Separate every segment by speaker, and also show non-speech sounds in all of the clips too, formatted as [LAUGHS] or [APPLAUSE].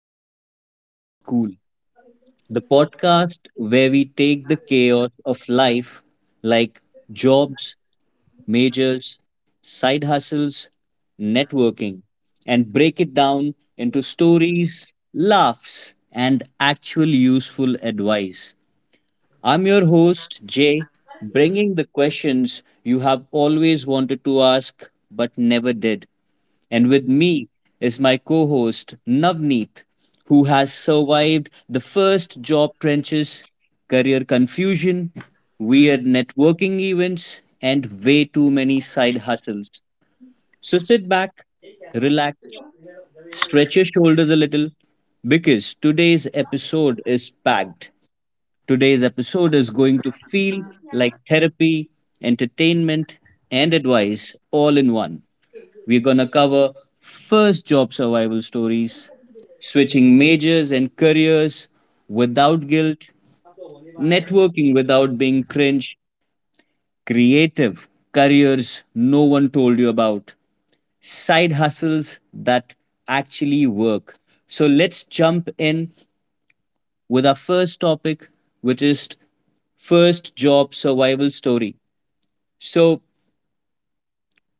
Speaker 1: to Career and School, the podcast where we take the chaos of life like jobs, majors, side hustles, networking, and break it down into stories, laughs, and actual useful advice. I'm your host, Jay, bringing the questions you have always wanted to ask but never did. And with me is my co host, Navneet, who has survived the first job trenches, career confusion, weird networking events, and way too many side hustles. So sit back, relax, stretch your shoulders a little, because today's episode is packed. Today's episode is going to feel like therapy, entertainment, and advice all in one. We're going to cover first job survival stories, switching majors and careers without guilt, networking without being cringe, creative careers no one told you about, side hustles that actually work. So let's jump in with our first topic, which is first job survival story. So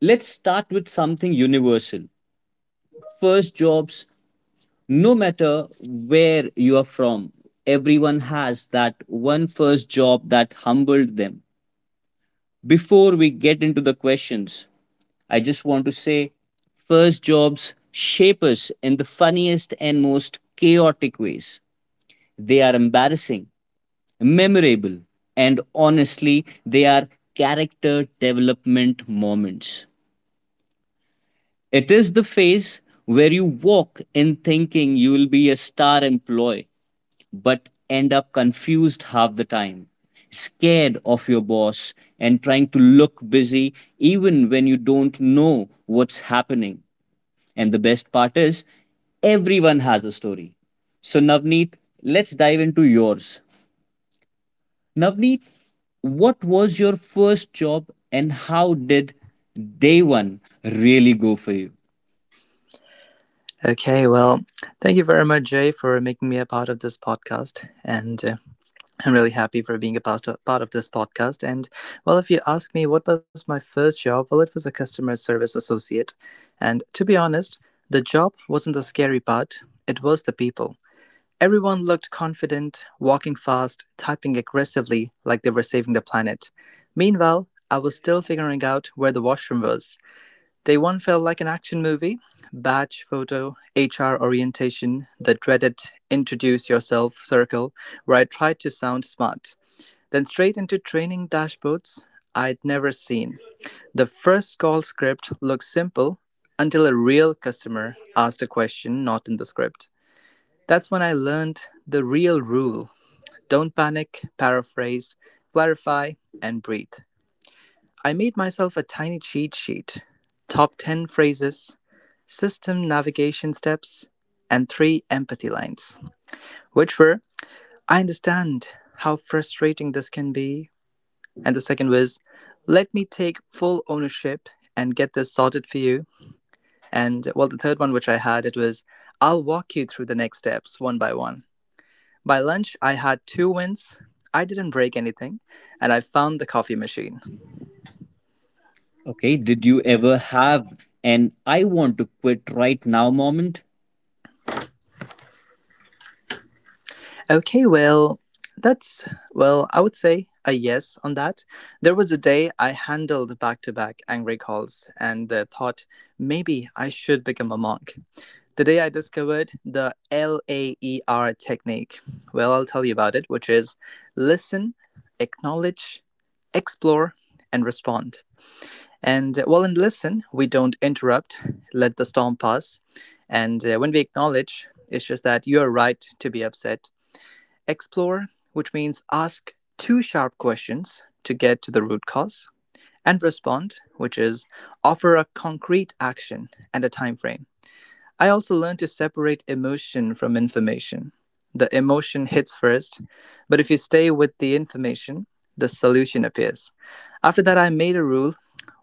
Speaker 1: let's start with something universal. First jobs, no matter where you are from, everyone has that one first job that humbled them. Before we get into the questions, I just want to say first jobs shape us in the funniest and most chaotic ways. They are embarrassing, memorable, and honestly, they are character development moments. It is the phase where you walk in thinking you will be a star employee but end up confused half the time, scared of your boss, and trying to look busy even when you don't know what's happening. And the best part is, everyone has a story. So, Navneet, let's dive into yours. Navneet, what was your first job and how did day one really go for you?
Speaker 2: Okay, well, thank you very much, Jay, for making me a part of this podcast. And I'm really happy for being a part of this podcast. And, well, if you ask me what was my first job, well, it was a customer service associate. And to be honest, the job wasn't the scary part, it was the people. Everyone looked confident, walking fast, typing aggressively like they were saving the planet. Meanwhile, I was still figuring out where the washroom was. Day one felt like an action movie. Badge photo, HR orientation, the dreaded introduce yourself circle where I tried to sound smart. Then straight into training dashboards I'd never seen. The first call script looked simple until a real customer asked a question not in the script. That's when I learned the real rule: don't panic, paraphrase, clarify, and breathe. I made myself a tiny cheat sheet: top 10 phrases, system navigation steps, and three empathy lines, which were: I understand how frustrating this can be. And the second was: let me take full ownership and get this sorted for you. And well, the third one which I had, it was: I'll walk you through the next steps one by one. By lunch, I had two wins. I didn't break anything, and I found the coffee machine.
Speaker 1: Okay, did you ever have an I want to quit right now moment?
Speaker 2: Okay, well, that's, well, I would say a yes on that. There was a day I handled back to back angry calls and thought maybe I should become a monk. The day I discovered the LAER technique, well, I'll tell you about it, which is: listen, acknowledge, explore, and respond. And well, in listen, we don't interrupt, let the storm pass. And when we acknowledge, it's just that you're right to be upset. Explore, which means ask two sharp questions to get to the root cause, and respond, which is offer a concrete action and a time frame. I also learned to separate emotion from information. The emotion hits first, but if you stay with the information, the solution appears. After that, I made a rule: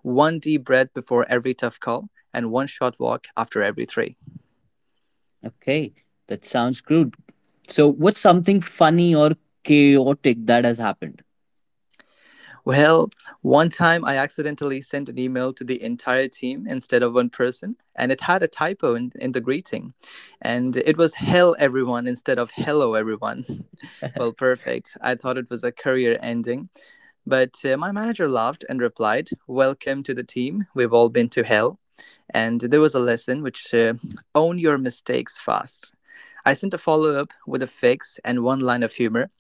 Speaker 2: one deep breath before every tough call and one short walk after every three.
Speaker 1: Okay, that sounds good. So, what's something funny or chaotic that has happened?
Speaker 2: Well, one time I accidentally sent an email to the entire team instead of one person, and it had a typo in the greeting. And it was hell everyone instead of hello everyone. [LAUGHS] Well, perfect. I thought it was a career ending. But my manager laughed and replied, "Welcome to the team. We've all been to hell." And there was a lesson which own your mistakes fast. I sent a follow up with a fix and one line of humor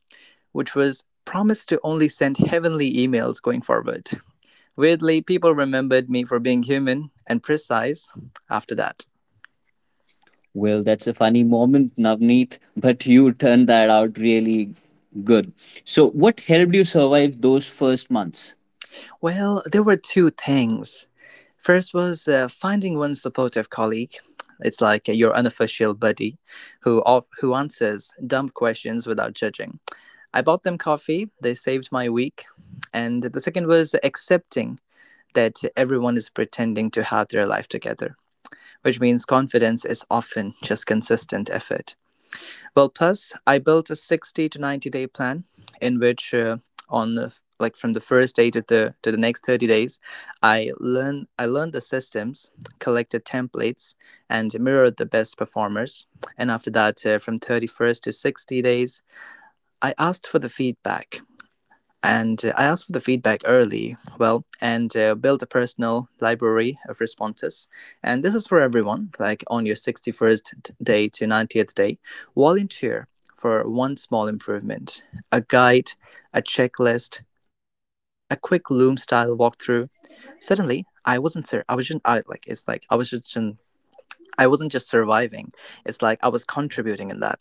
Speaker 2: which was: promised to only send heavenly emails going forward. Weirdly, people remembered me for being human and precise after that.
Speaker 1: Well, that's a funny moment, Navneet, [LAUGHS] but you turned that out really good. So, what helped you survive those first months?
Speaker 2: Well, there were two things. First was finding one supportive colleague. It's like your unofficial buddy who answers dumb questions without judging. I bought them coffee, they saved my week. And the second was accepting that everyone is pretending to have their life together, which means confidence is often just consistent effort. Well, plus, I built a 60 to 90 day plan in which on the, from the first day to the next 30 days, I learned the systems, collected templates, and mirrored the best performers. And after that, from 31st to 60 days, I asked for the feedback, and I asked for the feedback early, well, and built a personal library of responses. And this is for everyone, like on your 61st day to 90th day. Volunteer for one small improvement: a guide, a checklist, a quick Loom style walkthrough. Suddenly, I wasn't, sur- I was just, I, like, it's like, I was just, I wasn't just surviving. It's like I was contributing in that.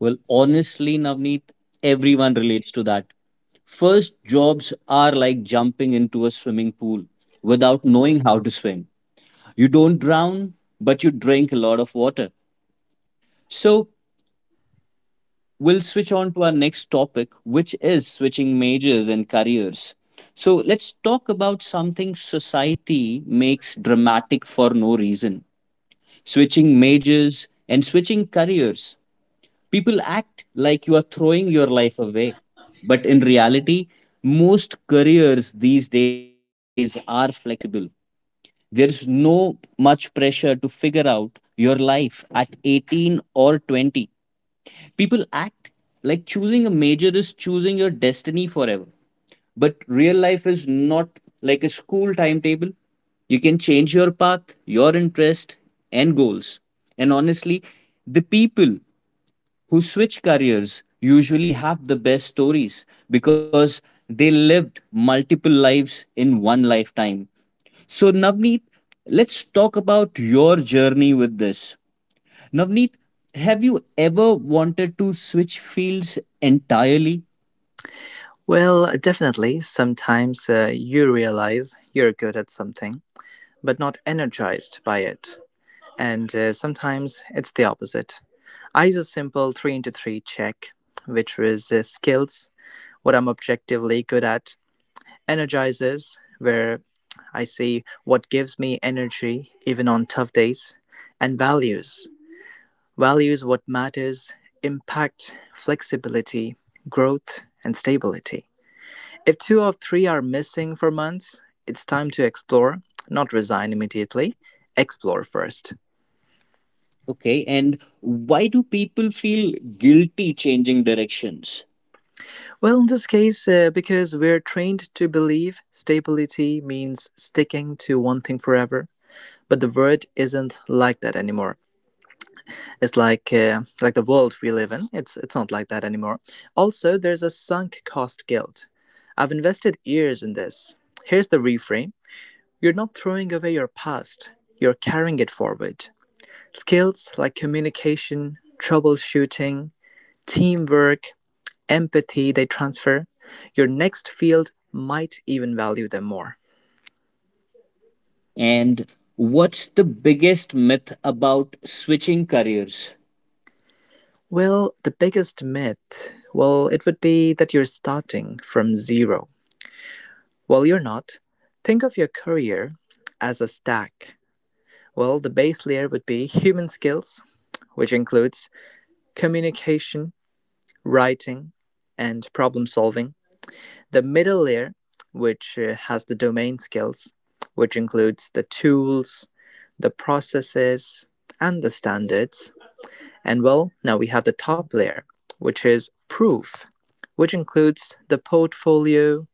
Speaker 1: Well, honestly, Navneet, everyone relates to that. First jobs are like jumping into a swimming pool without knowing how to swim. You don't drown, but you drink a lot of water. So, we'll switch on to our next topic, which is switching majors and careers. So let's talk about something society makes dramatic for no reason. Switching majors and switching careers. People act like you are throwing your life away. But in reality, most careers these days are flexible. There's no much pressure to figure out your life at 18 or 20. People act like choosing a major is choosing your destiny forever. But real life is not like a school timetable. You can change your path, your interest, and goals. And honestly, the people who switch careers usually have the best stories because they lived multiple lives in one lifetime. So, Navneet, let's talk about your journey with this. Navneet, have you ever wanted to switch fields entirely?
Speaker 2: Well, definitely. Sometimes you realize you're good at something but not energized by it. And sometimes it's the opposite. I use a simple three into three check, which is skills, what I'm objectively good at; energizes, where I see what gives me energy even on tough days; and values. Values: what matters, impact, flexibility, growth, and stability. If two or three are missing for months, it's time to explore, not resign immediately. Explore first.
Speaker 1: Okay, and why do people feel guilty changing directions?
Speaker 2: Well, in this case, because we're trained to believe stability means sticking to one thing forever, but the world isn't like that anymore. It's like the world we live in. It's not like that anymore. Also, there's a sunk cost guilt. I've invested years in this. Here's the reframe: you're not throwing away your past. You're carrying it forward. Skills like communication, troubleshooting, teamwork, empathy, they transfer. Your next field might even value them more.
Speaker 1: And what's the biggest myth about switching careers?
Speaker 2: Well, the biggest myth, well, it would be that you're starting from zero. Well, you're not. Think of your career as a stack. Well, the base layer would be human skills, which includes communication, writing, and problem solving. The middle layer, which has the domain skills, which includes the tools, the processes, and the standards. And well, now we have the top layer, which is proof, which includes the portfolio,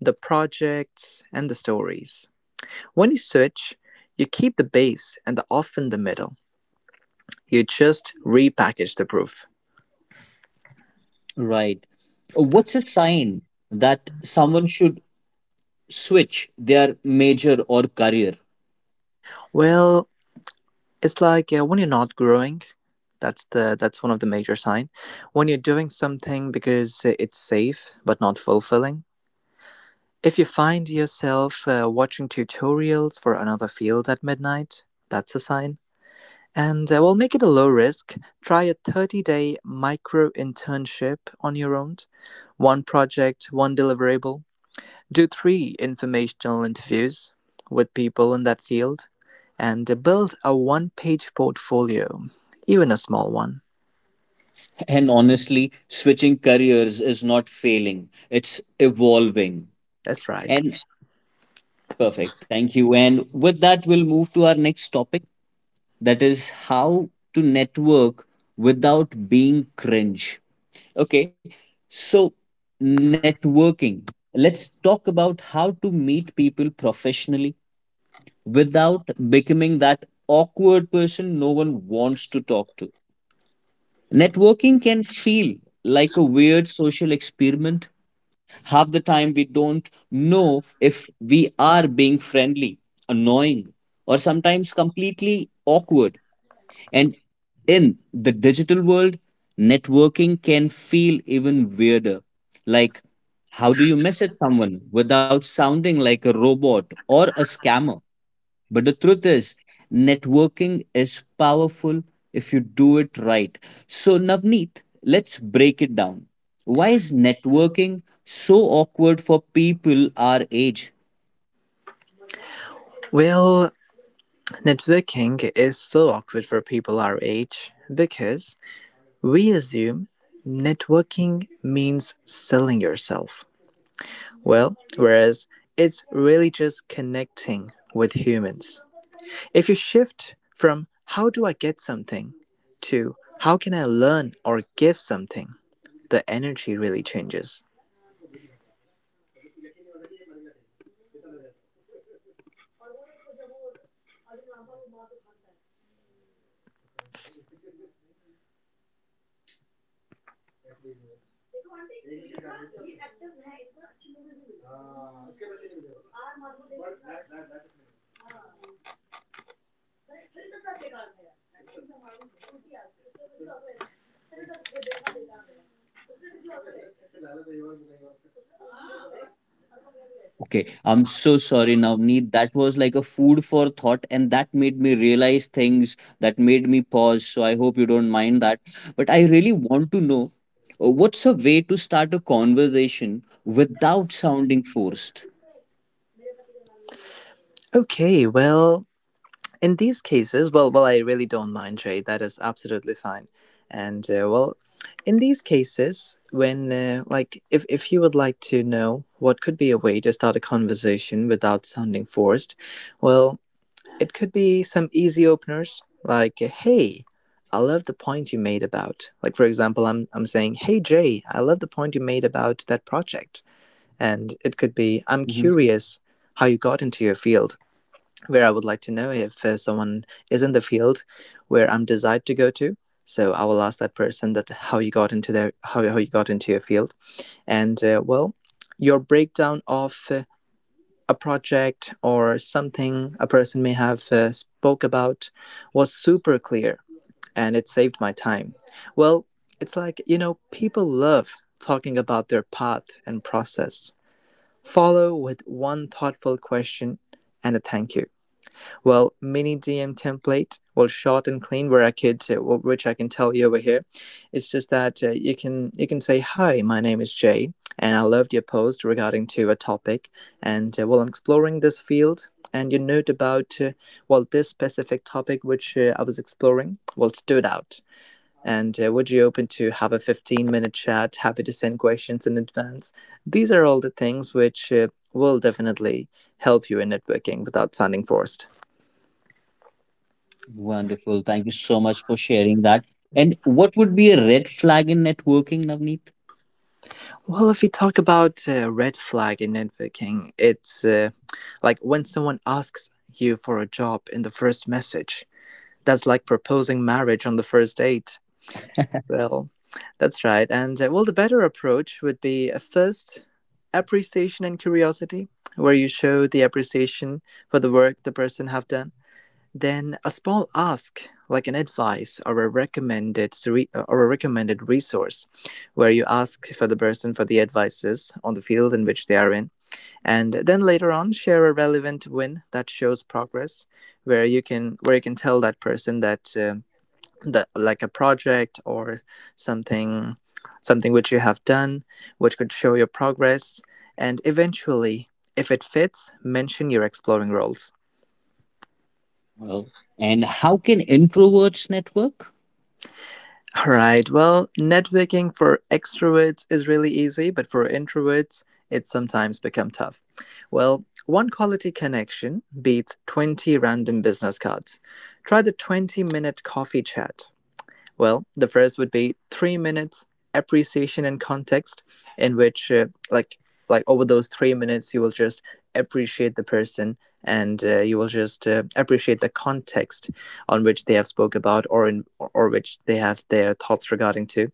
Speaker 2: the projects, and the stories. When you switch, you keep the base and the off in the middle. You just repackage the proof.
Speaker 1: Right. What's a sign that someone should switch their major or career?
Speaker 2: Well, it's like when you're not growing, that's one of the major sign. When you're doing something because it's safe but not fulfilling. If you find yourself watching tutorials for another field at midnight, that's a sign. And well, make it a low risk. Try a 30-day micro internship on your own. One project, one deliverable. Do three informational interviews with people in that field and build a one page portfolio, even a small one.
Speaker 1: And honestly, switching careers is not failing, it's evolving.
Speaker 2: That's right.
Speaker 1: And perfect. Thank you. And with that, we'll move to our next topic, that is how to network without being cringe. Okay. So, networking. Let's talk about how to meet people professionally without becoming that awkward person no one wants to talk to. Networking can feel like a weird social experiment. Half the time, we don't know if we are being friendly, annoying, or sometimes completely awkward. And in the digital world, networking can feel even weirder. Like, how do you message someone without sounding like a robot or a scammer? But the truth is, networking is powerful if you do it right. So, Navneet, let's break it down. Why is networking so awkward for people our age?
Speaker 2: Well, networking is so awkward for people our age because we assume networking means selling yourself. Well, whereas it's really just connecting with humans. If you shift from "how do I get something" to "how can I learn or give something," the energy really changes.
Speaker 1: Okay, I'm so sorry, Navneet. That was like a food for thought, and that made me realize things that made me pause. So, I hope you don't mind that. But I really want to know what's a way to start a conversation without sounding forced?
Speaker 2: Okay, well, in these cases, well, I really don't mind, Jay. That is absolutely fine. And well, in these cases when like if you would like to know what could be a way to start a conversation without sounding forced, well, it could be some easy openers like, "Hey, I love the point you made about," like for example, I'm saying, "Hey, Jay, I love the point you made about that project." And it could be, "I'm curious how you got into your field," where I would like to know if someone is in the field where I'm desired to go to. So I will ask that person that how you got into their, how you got into your field. And well, your breakdown of a project or something a person may have spoke about was super clear, and it saved my time. Well, it's like, you know, people love talking about their path and process. Follow with one thoughtful question and a thank you. Well, mini DM template, well, short and clean, where I could, well, which I can tell you over here, it's just that you can say, "Hi, my name is Jay, and I loved your post regarding to a topic." And well, "I'm exploring this field and you note about well, this specific topic which I was exploring, well, stood out." And "would you open to have a 15-minute chat? Happy to send questions in advance." These are all the things which will definitely help you in networking without sounding forced.
Speaker 1: Wonderful. Thank you so much for sharing that. And what would be a red flag in networking, Navneet?
Speaker 2: Well, if you talk about red flag in networking, it's like when someone asks you for a job in the first message. That's like proposing marriage on the first date. Well, that's right. And well, the better approach would be first, appreciation and curiosity, where you show the appreciation for the work the person have done, then a small ask, like an advice or a recommended resource, where you ask for the person for the advices on the field in which they are in, and then later on share a relevant win that shows progress, where you can tell that person that that like a project or something something which you have done, which could show your progress, and eventually, if it fits, mention your exploring roles.
Speaker 1: Well, and how can introverts network?
Speaker 2: All right. Well, networking for extroverts is really easy, but for introverts, it sometimes become tough. Well, one quality connection beats 20 random business cards. Try the 20-minute coffee chat. Well, the first would be 3 minutes appreciation and context, in which over those 3 minutes you will just appreciate the person and you will just appreciate the context on which they have spoke about or or which they have their thoughts regarding to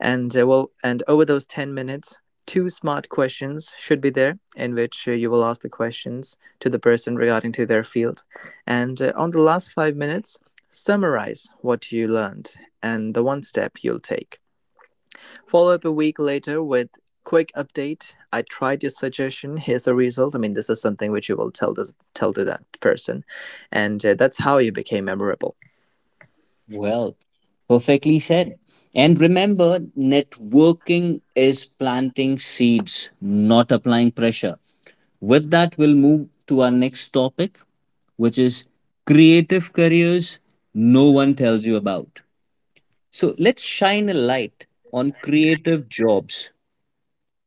Speaker 2: and and over those 10 minutes, two smart questions should be there in which you will ask the questions to the person regarding to their field. And On the last 5 minutes, summarize what you learned and the one step you'll take. Follow up a week later with quick update. I tried your suggestion. Here's the result. I mean, this is something which you will tell to that person. And That's how you became memorable.
Speaker 1: Well, perfectly said. And remember, networking is planting seeds, not applying pressure. With that, we'll move to our next topic, which is creative careers no one tells you about. So let's shine a light on creative jobs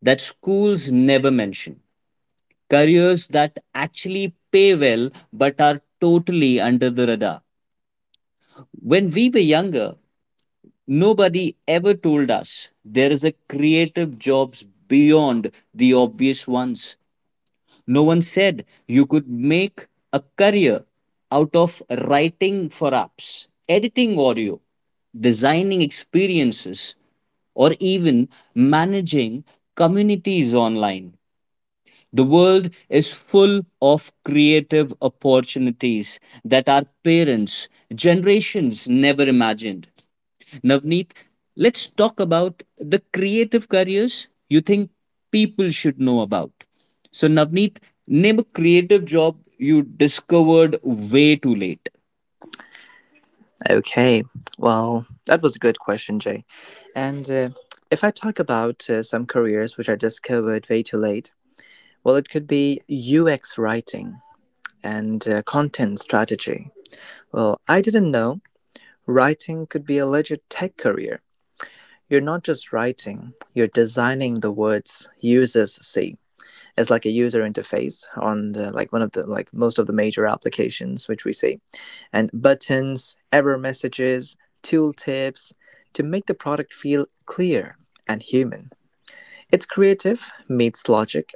Speaker 1: that schools never mention. Careers that actually pay well but are totally under the radar. When we were younger, nobody ever told us there is a creative jobs beyond the obvious ones. No one said you could make a career out of writing for apps, editing audio, designing experiences, or even managing communities online. The world is full of creative opportunities that our parents, generations never imagined. Navneet, let's talk about the creative careers you think people should know about. So, Navneet, name a creative job you discovered way too late.
Speaker 2: Okay, well, that was a good question, Jay. And If I talk about some careers which I discovered way too late, well, it could be UX writing and content strategy. Well, I didn't know writing could be a legit tech career. You're not just writing, you're designing the words users see. It's like a user interface on the, like one of the like most of the major applications which we see and buttons, error messages, tooltips to make the product feel clear and human. It's creative meets logic.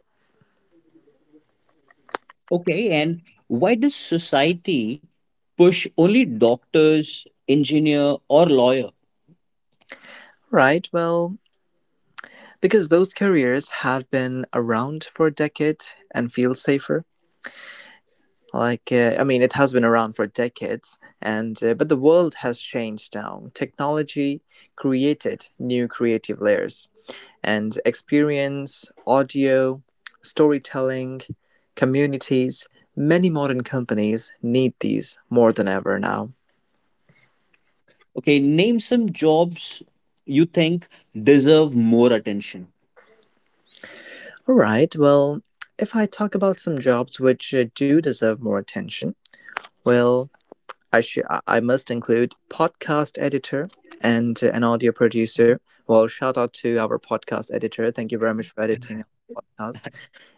Speaker 1: Okay, and why does society push only doctors, engineer, or lawyer?
Speaker 2: Right, well, because those careers have been around for a decade and feel safer. Like, I mean, it has been around for decades, and but the world has changed now. Technology created new creative layers and experience, audio, storytelling, communities. Many modern companies need these more than ever now.
Speaker 1: Okay, name some jobs you think deserve more attention.
Speaker 2: All right, well, if I talk about some jobs which do deserve more attention, well, I must include podcast editor and an audio producer. Well, shout out to our podcast editor. Thank you very much for editing our podcast.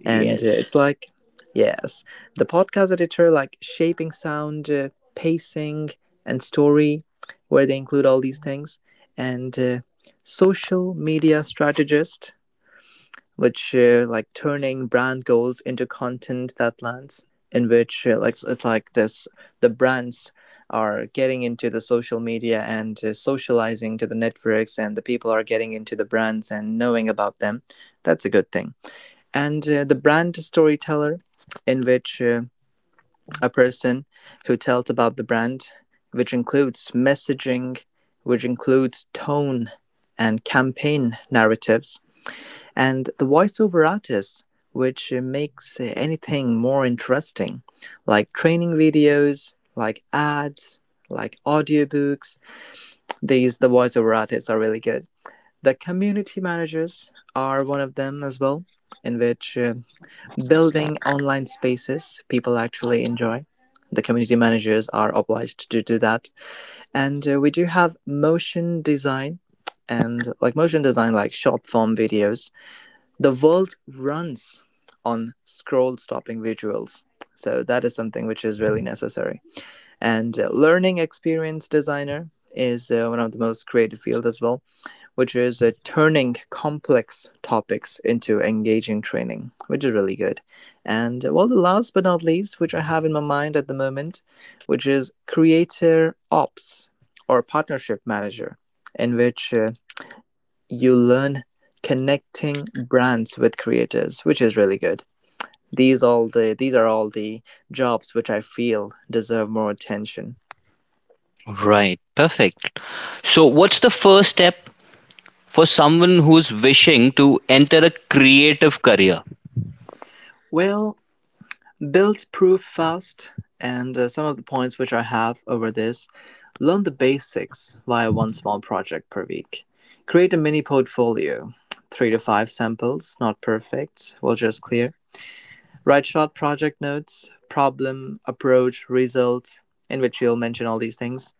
Speaker 2: And
Speaker 1: Yes.
Speaker 2: it's like yes the podcast editor like shaping sound pacing and story where they include all these things and social media strategist which like turning brand goals into content that lands in which like it's like this the brands are getting into the social media and socializing to the networks and the people are getting into the brands and knowing about them. That's a good thing. And the brand storyteller in which a person who tells about the brand which includes messaging which includes tone and campaign narratives and the voiceover artist which makes anything more interesting like training videos like ads like audiobooks. These the voiceover artists are really good. The community managers are one of them as well in which building online spaces people actually enjoy. The community managers are obliged to do that. And We do have motion design and like motion design, like short form videos. The world runs on scroll stopping visuals. So that is something which is really necessary. And Learning experience designer is one of the most creative fields as well, which is turning complex topics into engaging training, which is really good. The last but not least, which I have in my mind at the moment, which is Creator Ops or Partnership Manager, in which you learn connecting brands with creators, which is really good. These are all the jobs which I feel deserve more attention.
Speaker 1: Right. Perfect. So, what's the first step for someone who's wishing to enter a creative career?
Speaker 2: Well, build proof fast and some of the points which I have over this: learn the basics via one small project per week, create a mini portfolio, three to five samples, not perfect, we'll just clear, write short project notes, problem approach result, in which you'll mention all these things,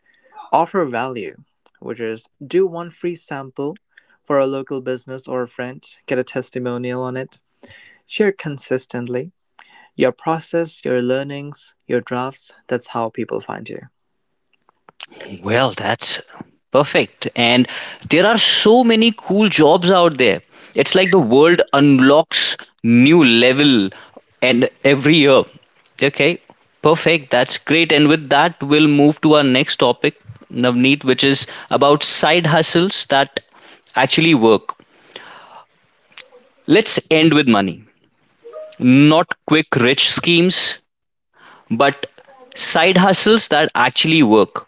Speaker 2: offer value, which is do one free sample for a local business or a friend, get a testimonial on it, share consistently your process, your learnings, your drafts. That's how people find you.
Speaker 1: Well, that's perfect. And there are so many cool jobs out there. It's like the world unlocks new level and every year. Okay, perfect. That's great. And with that, we'll move to our next topic, Navneet, which is about side hustles that actually work. Let's end with money. Not quick rich schemes, but side hustles that actually work.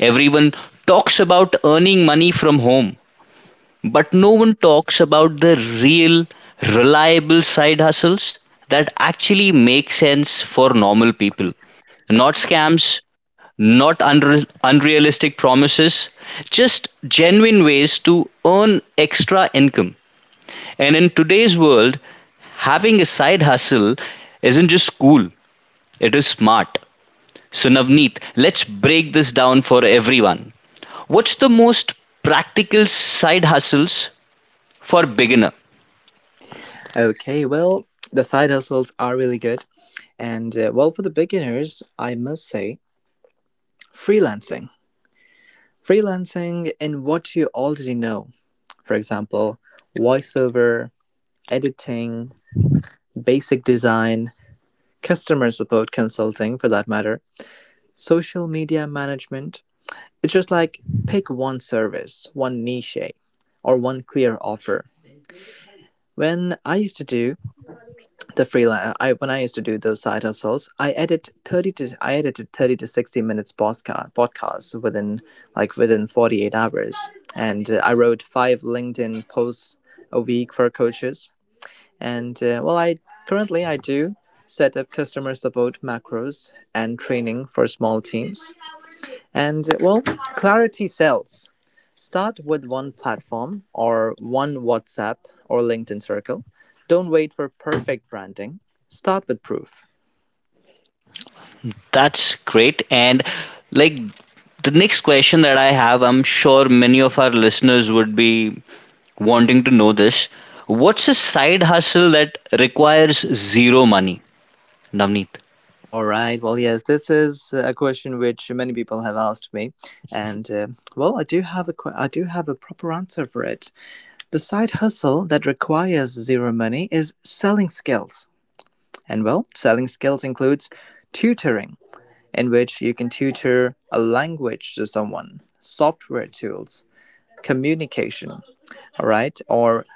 Speaker 1: Everyone talks about earning money from home, but no one talks about the real, reliable side hustles that actually make sense for normal people. Not scams, not unre- unrealistic promises, just genuine ways to earn extra income. And in today's world, having a side hustle isn't just cool, it is smart. So, Navneet, let's break this down for everyone. What's the most practical side hustles for beginner.
Speaker 2: Okay, well, the side hustles are really good. For the beginners, I must say freelancing. Freelancing in what you already know, for example, voiceover, editing, basic design, customer support consulting for that matter, social media management. It's just like pick one service, one niche, or one clear offer. When I used to do the freelance I when I used to do those side hustles, I edited 30 to 60 minutes podcasts within like within 48 hours, and I wrote five LinkedIn posts a week for coaches, and well I currently I do set up customer support macros and training for small teams. And well, clarity sells. Start with one platform or one WhatsApp or LinkedIn circle. Don't wait for perfect branding. Start with proof.
Speaker 1: That's great. And like the next question that I have, I'm sure many of our listeners would be wanting to know this. What's a side hustle that requires zero money, Navneet?
Speaker 2: All right. Well, yes, this is a question which many people have asked me, and well, I do have I do have a proper answer for it. The side hustle that requires zero money is selling skills, and well, selling skills includes tutoring, in which you can tutor a language to someone, software tools, communication, all right, or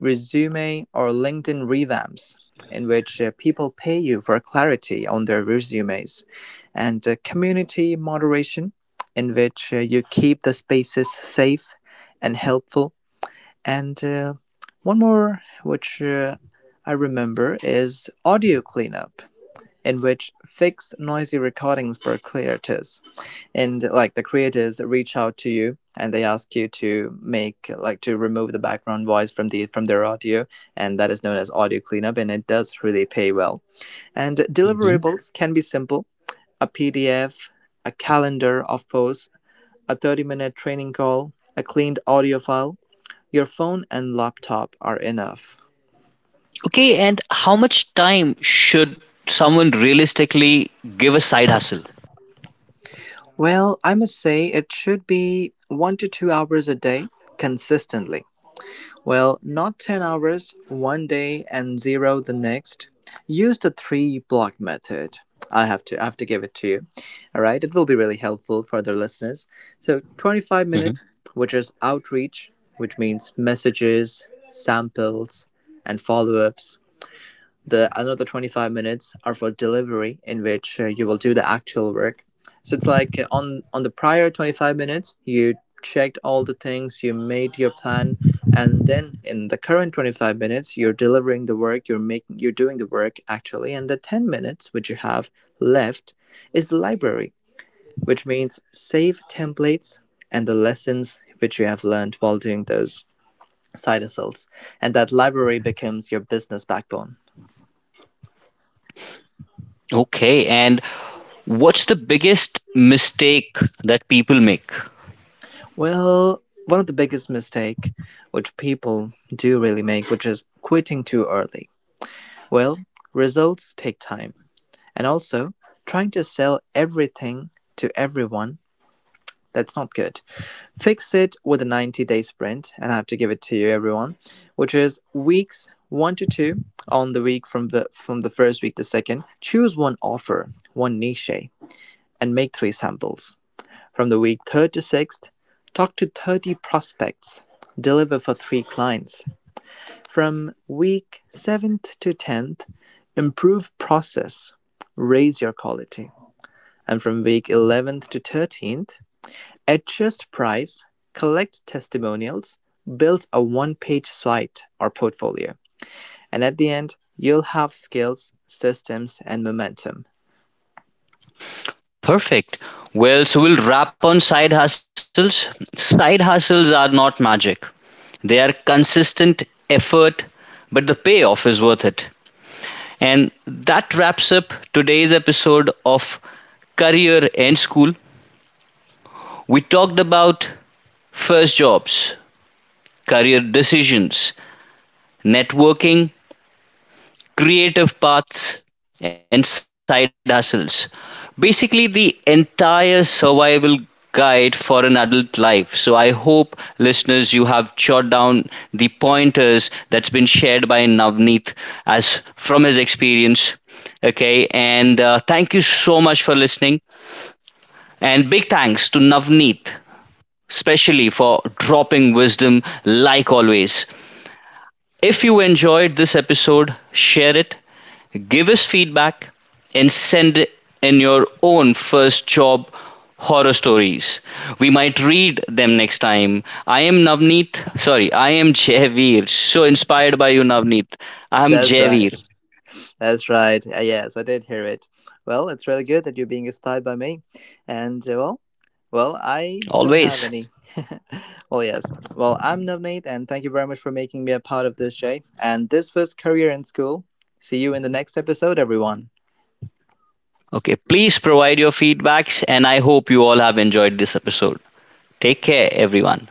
Speaker 2: resume or LinkedIn revamps, in which people pay you for clarity on their resumes, and community moderation, in which you keep the spaces safe and helpful. And One more, which I remember, is audio cleanup, in which fix noisy recordings for clear, and like the creators reach out to you and they ask you to make like to remove the background voice from their audio, and that is known as audio cleanup, and it does really pay well. And
Speaker 1: Mhm.
Speaker 2: deliverables can be simple: a PDF, a calendar of posts, a 30-minute training call, a cleaned audio file. Your phone and laptop are enough.
Speaker 1: Okay, and how much time should someone realistically give a side hustle?
Speaker 2: Well, I must say it should be 1 to 2 hours a day consistently. Well, not 10 hours one day and zero the next. Use the three block method. I have to give it to you. All right, it will be really helpful for the listeners. So 25
Speaker 1: Mhm.
Speaker 2: minutes, which is outreach, which means messages, samples, and follow-ups. The another 25 minutes are for delivery, in which you will do the actual work. So it's like on the prior 25 minutes, you checked all the things, you made your plan, and then in the current 25 minutes, you're delivering the work, you're doing the work actually, and the 10 minutes which you have left is the library, which means save templates and the lessons which you have learned while doing those side hustles, and that library becomes your business backbone.
Speaker 1: Okay, and what's the biggest mistake that people make?
Speaker 2: Well, one of the biggest mistake which people do really make, which is quitting too early. Well, results take time. And also, trying to sell everything to everyone, that's not good. Fix it with a 90-day sprint, and I have to give it to you everyone, which is weeks 1 to 2, on the week from the first week to second. Choose one offer, one niche, and make three samples. From the week third to sixth, talk to 30 prospects, deliver for three clients. From week seventh to 10th, improve process, raise your quality. And from week 11th to 13th, adjust price, collect testimonials, build a one page site or portfolio. And at the end, you'll have skills, systems, and momentum.
Speaker 1: Perfect. Well, so we'll wrap on side hustles. Side hustles are not magic, they are consistent effort, but the payoff is worth it. And that wraps up today's episode of Career and School. We talked about first jobs, career decisions, networking, creative paths, and side hustles. Basically, the entire survival guide for an adult life. So, I hope listeners, you have jotted down the pointers that's been shared by Navneet as from his experience. Okay, and thank you so much for listening. And big thanks to Navneet, especially for dropping wisdom like always. If you enjoyed this episode, share it, give us feedback, and send in your own first job horror stories. We might read them next time. I am Jaiveer. So inspired by you, Navneet. I am
Speaker 2: That's right.
Speaker 1: Jaiveer,
Speaker 2: That's right. Yes, I did hear it. Well, it's really good that you're being inspired by me. And uh, well, I don't have
Speaker 1: always.
Speaker 2: any. [LAUGHS] Well, yes. Well, I'm Navneet, and thank you very much for making me a part of this, Jay. And this was Career in School. See you in the next episode, everyone.
Speaker 1: Okay, please provide your feedbacks, and I hope you all have enjoyed this episode. Take care, everyone.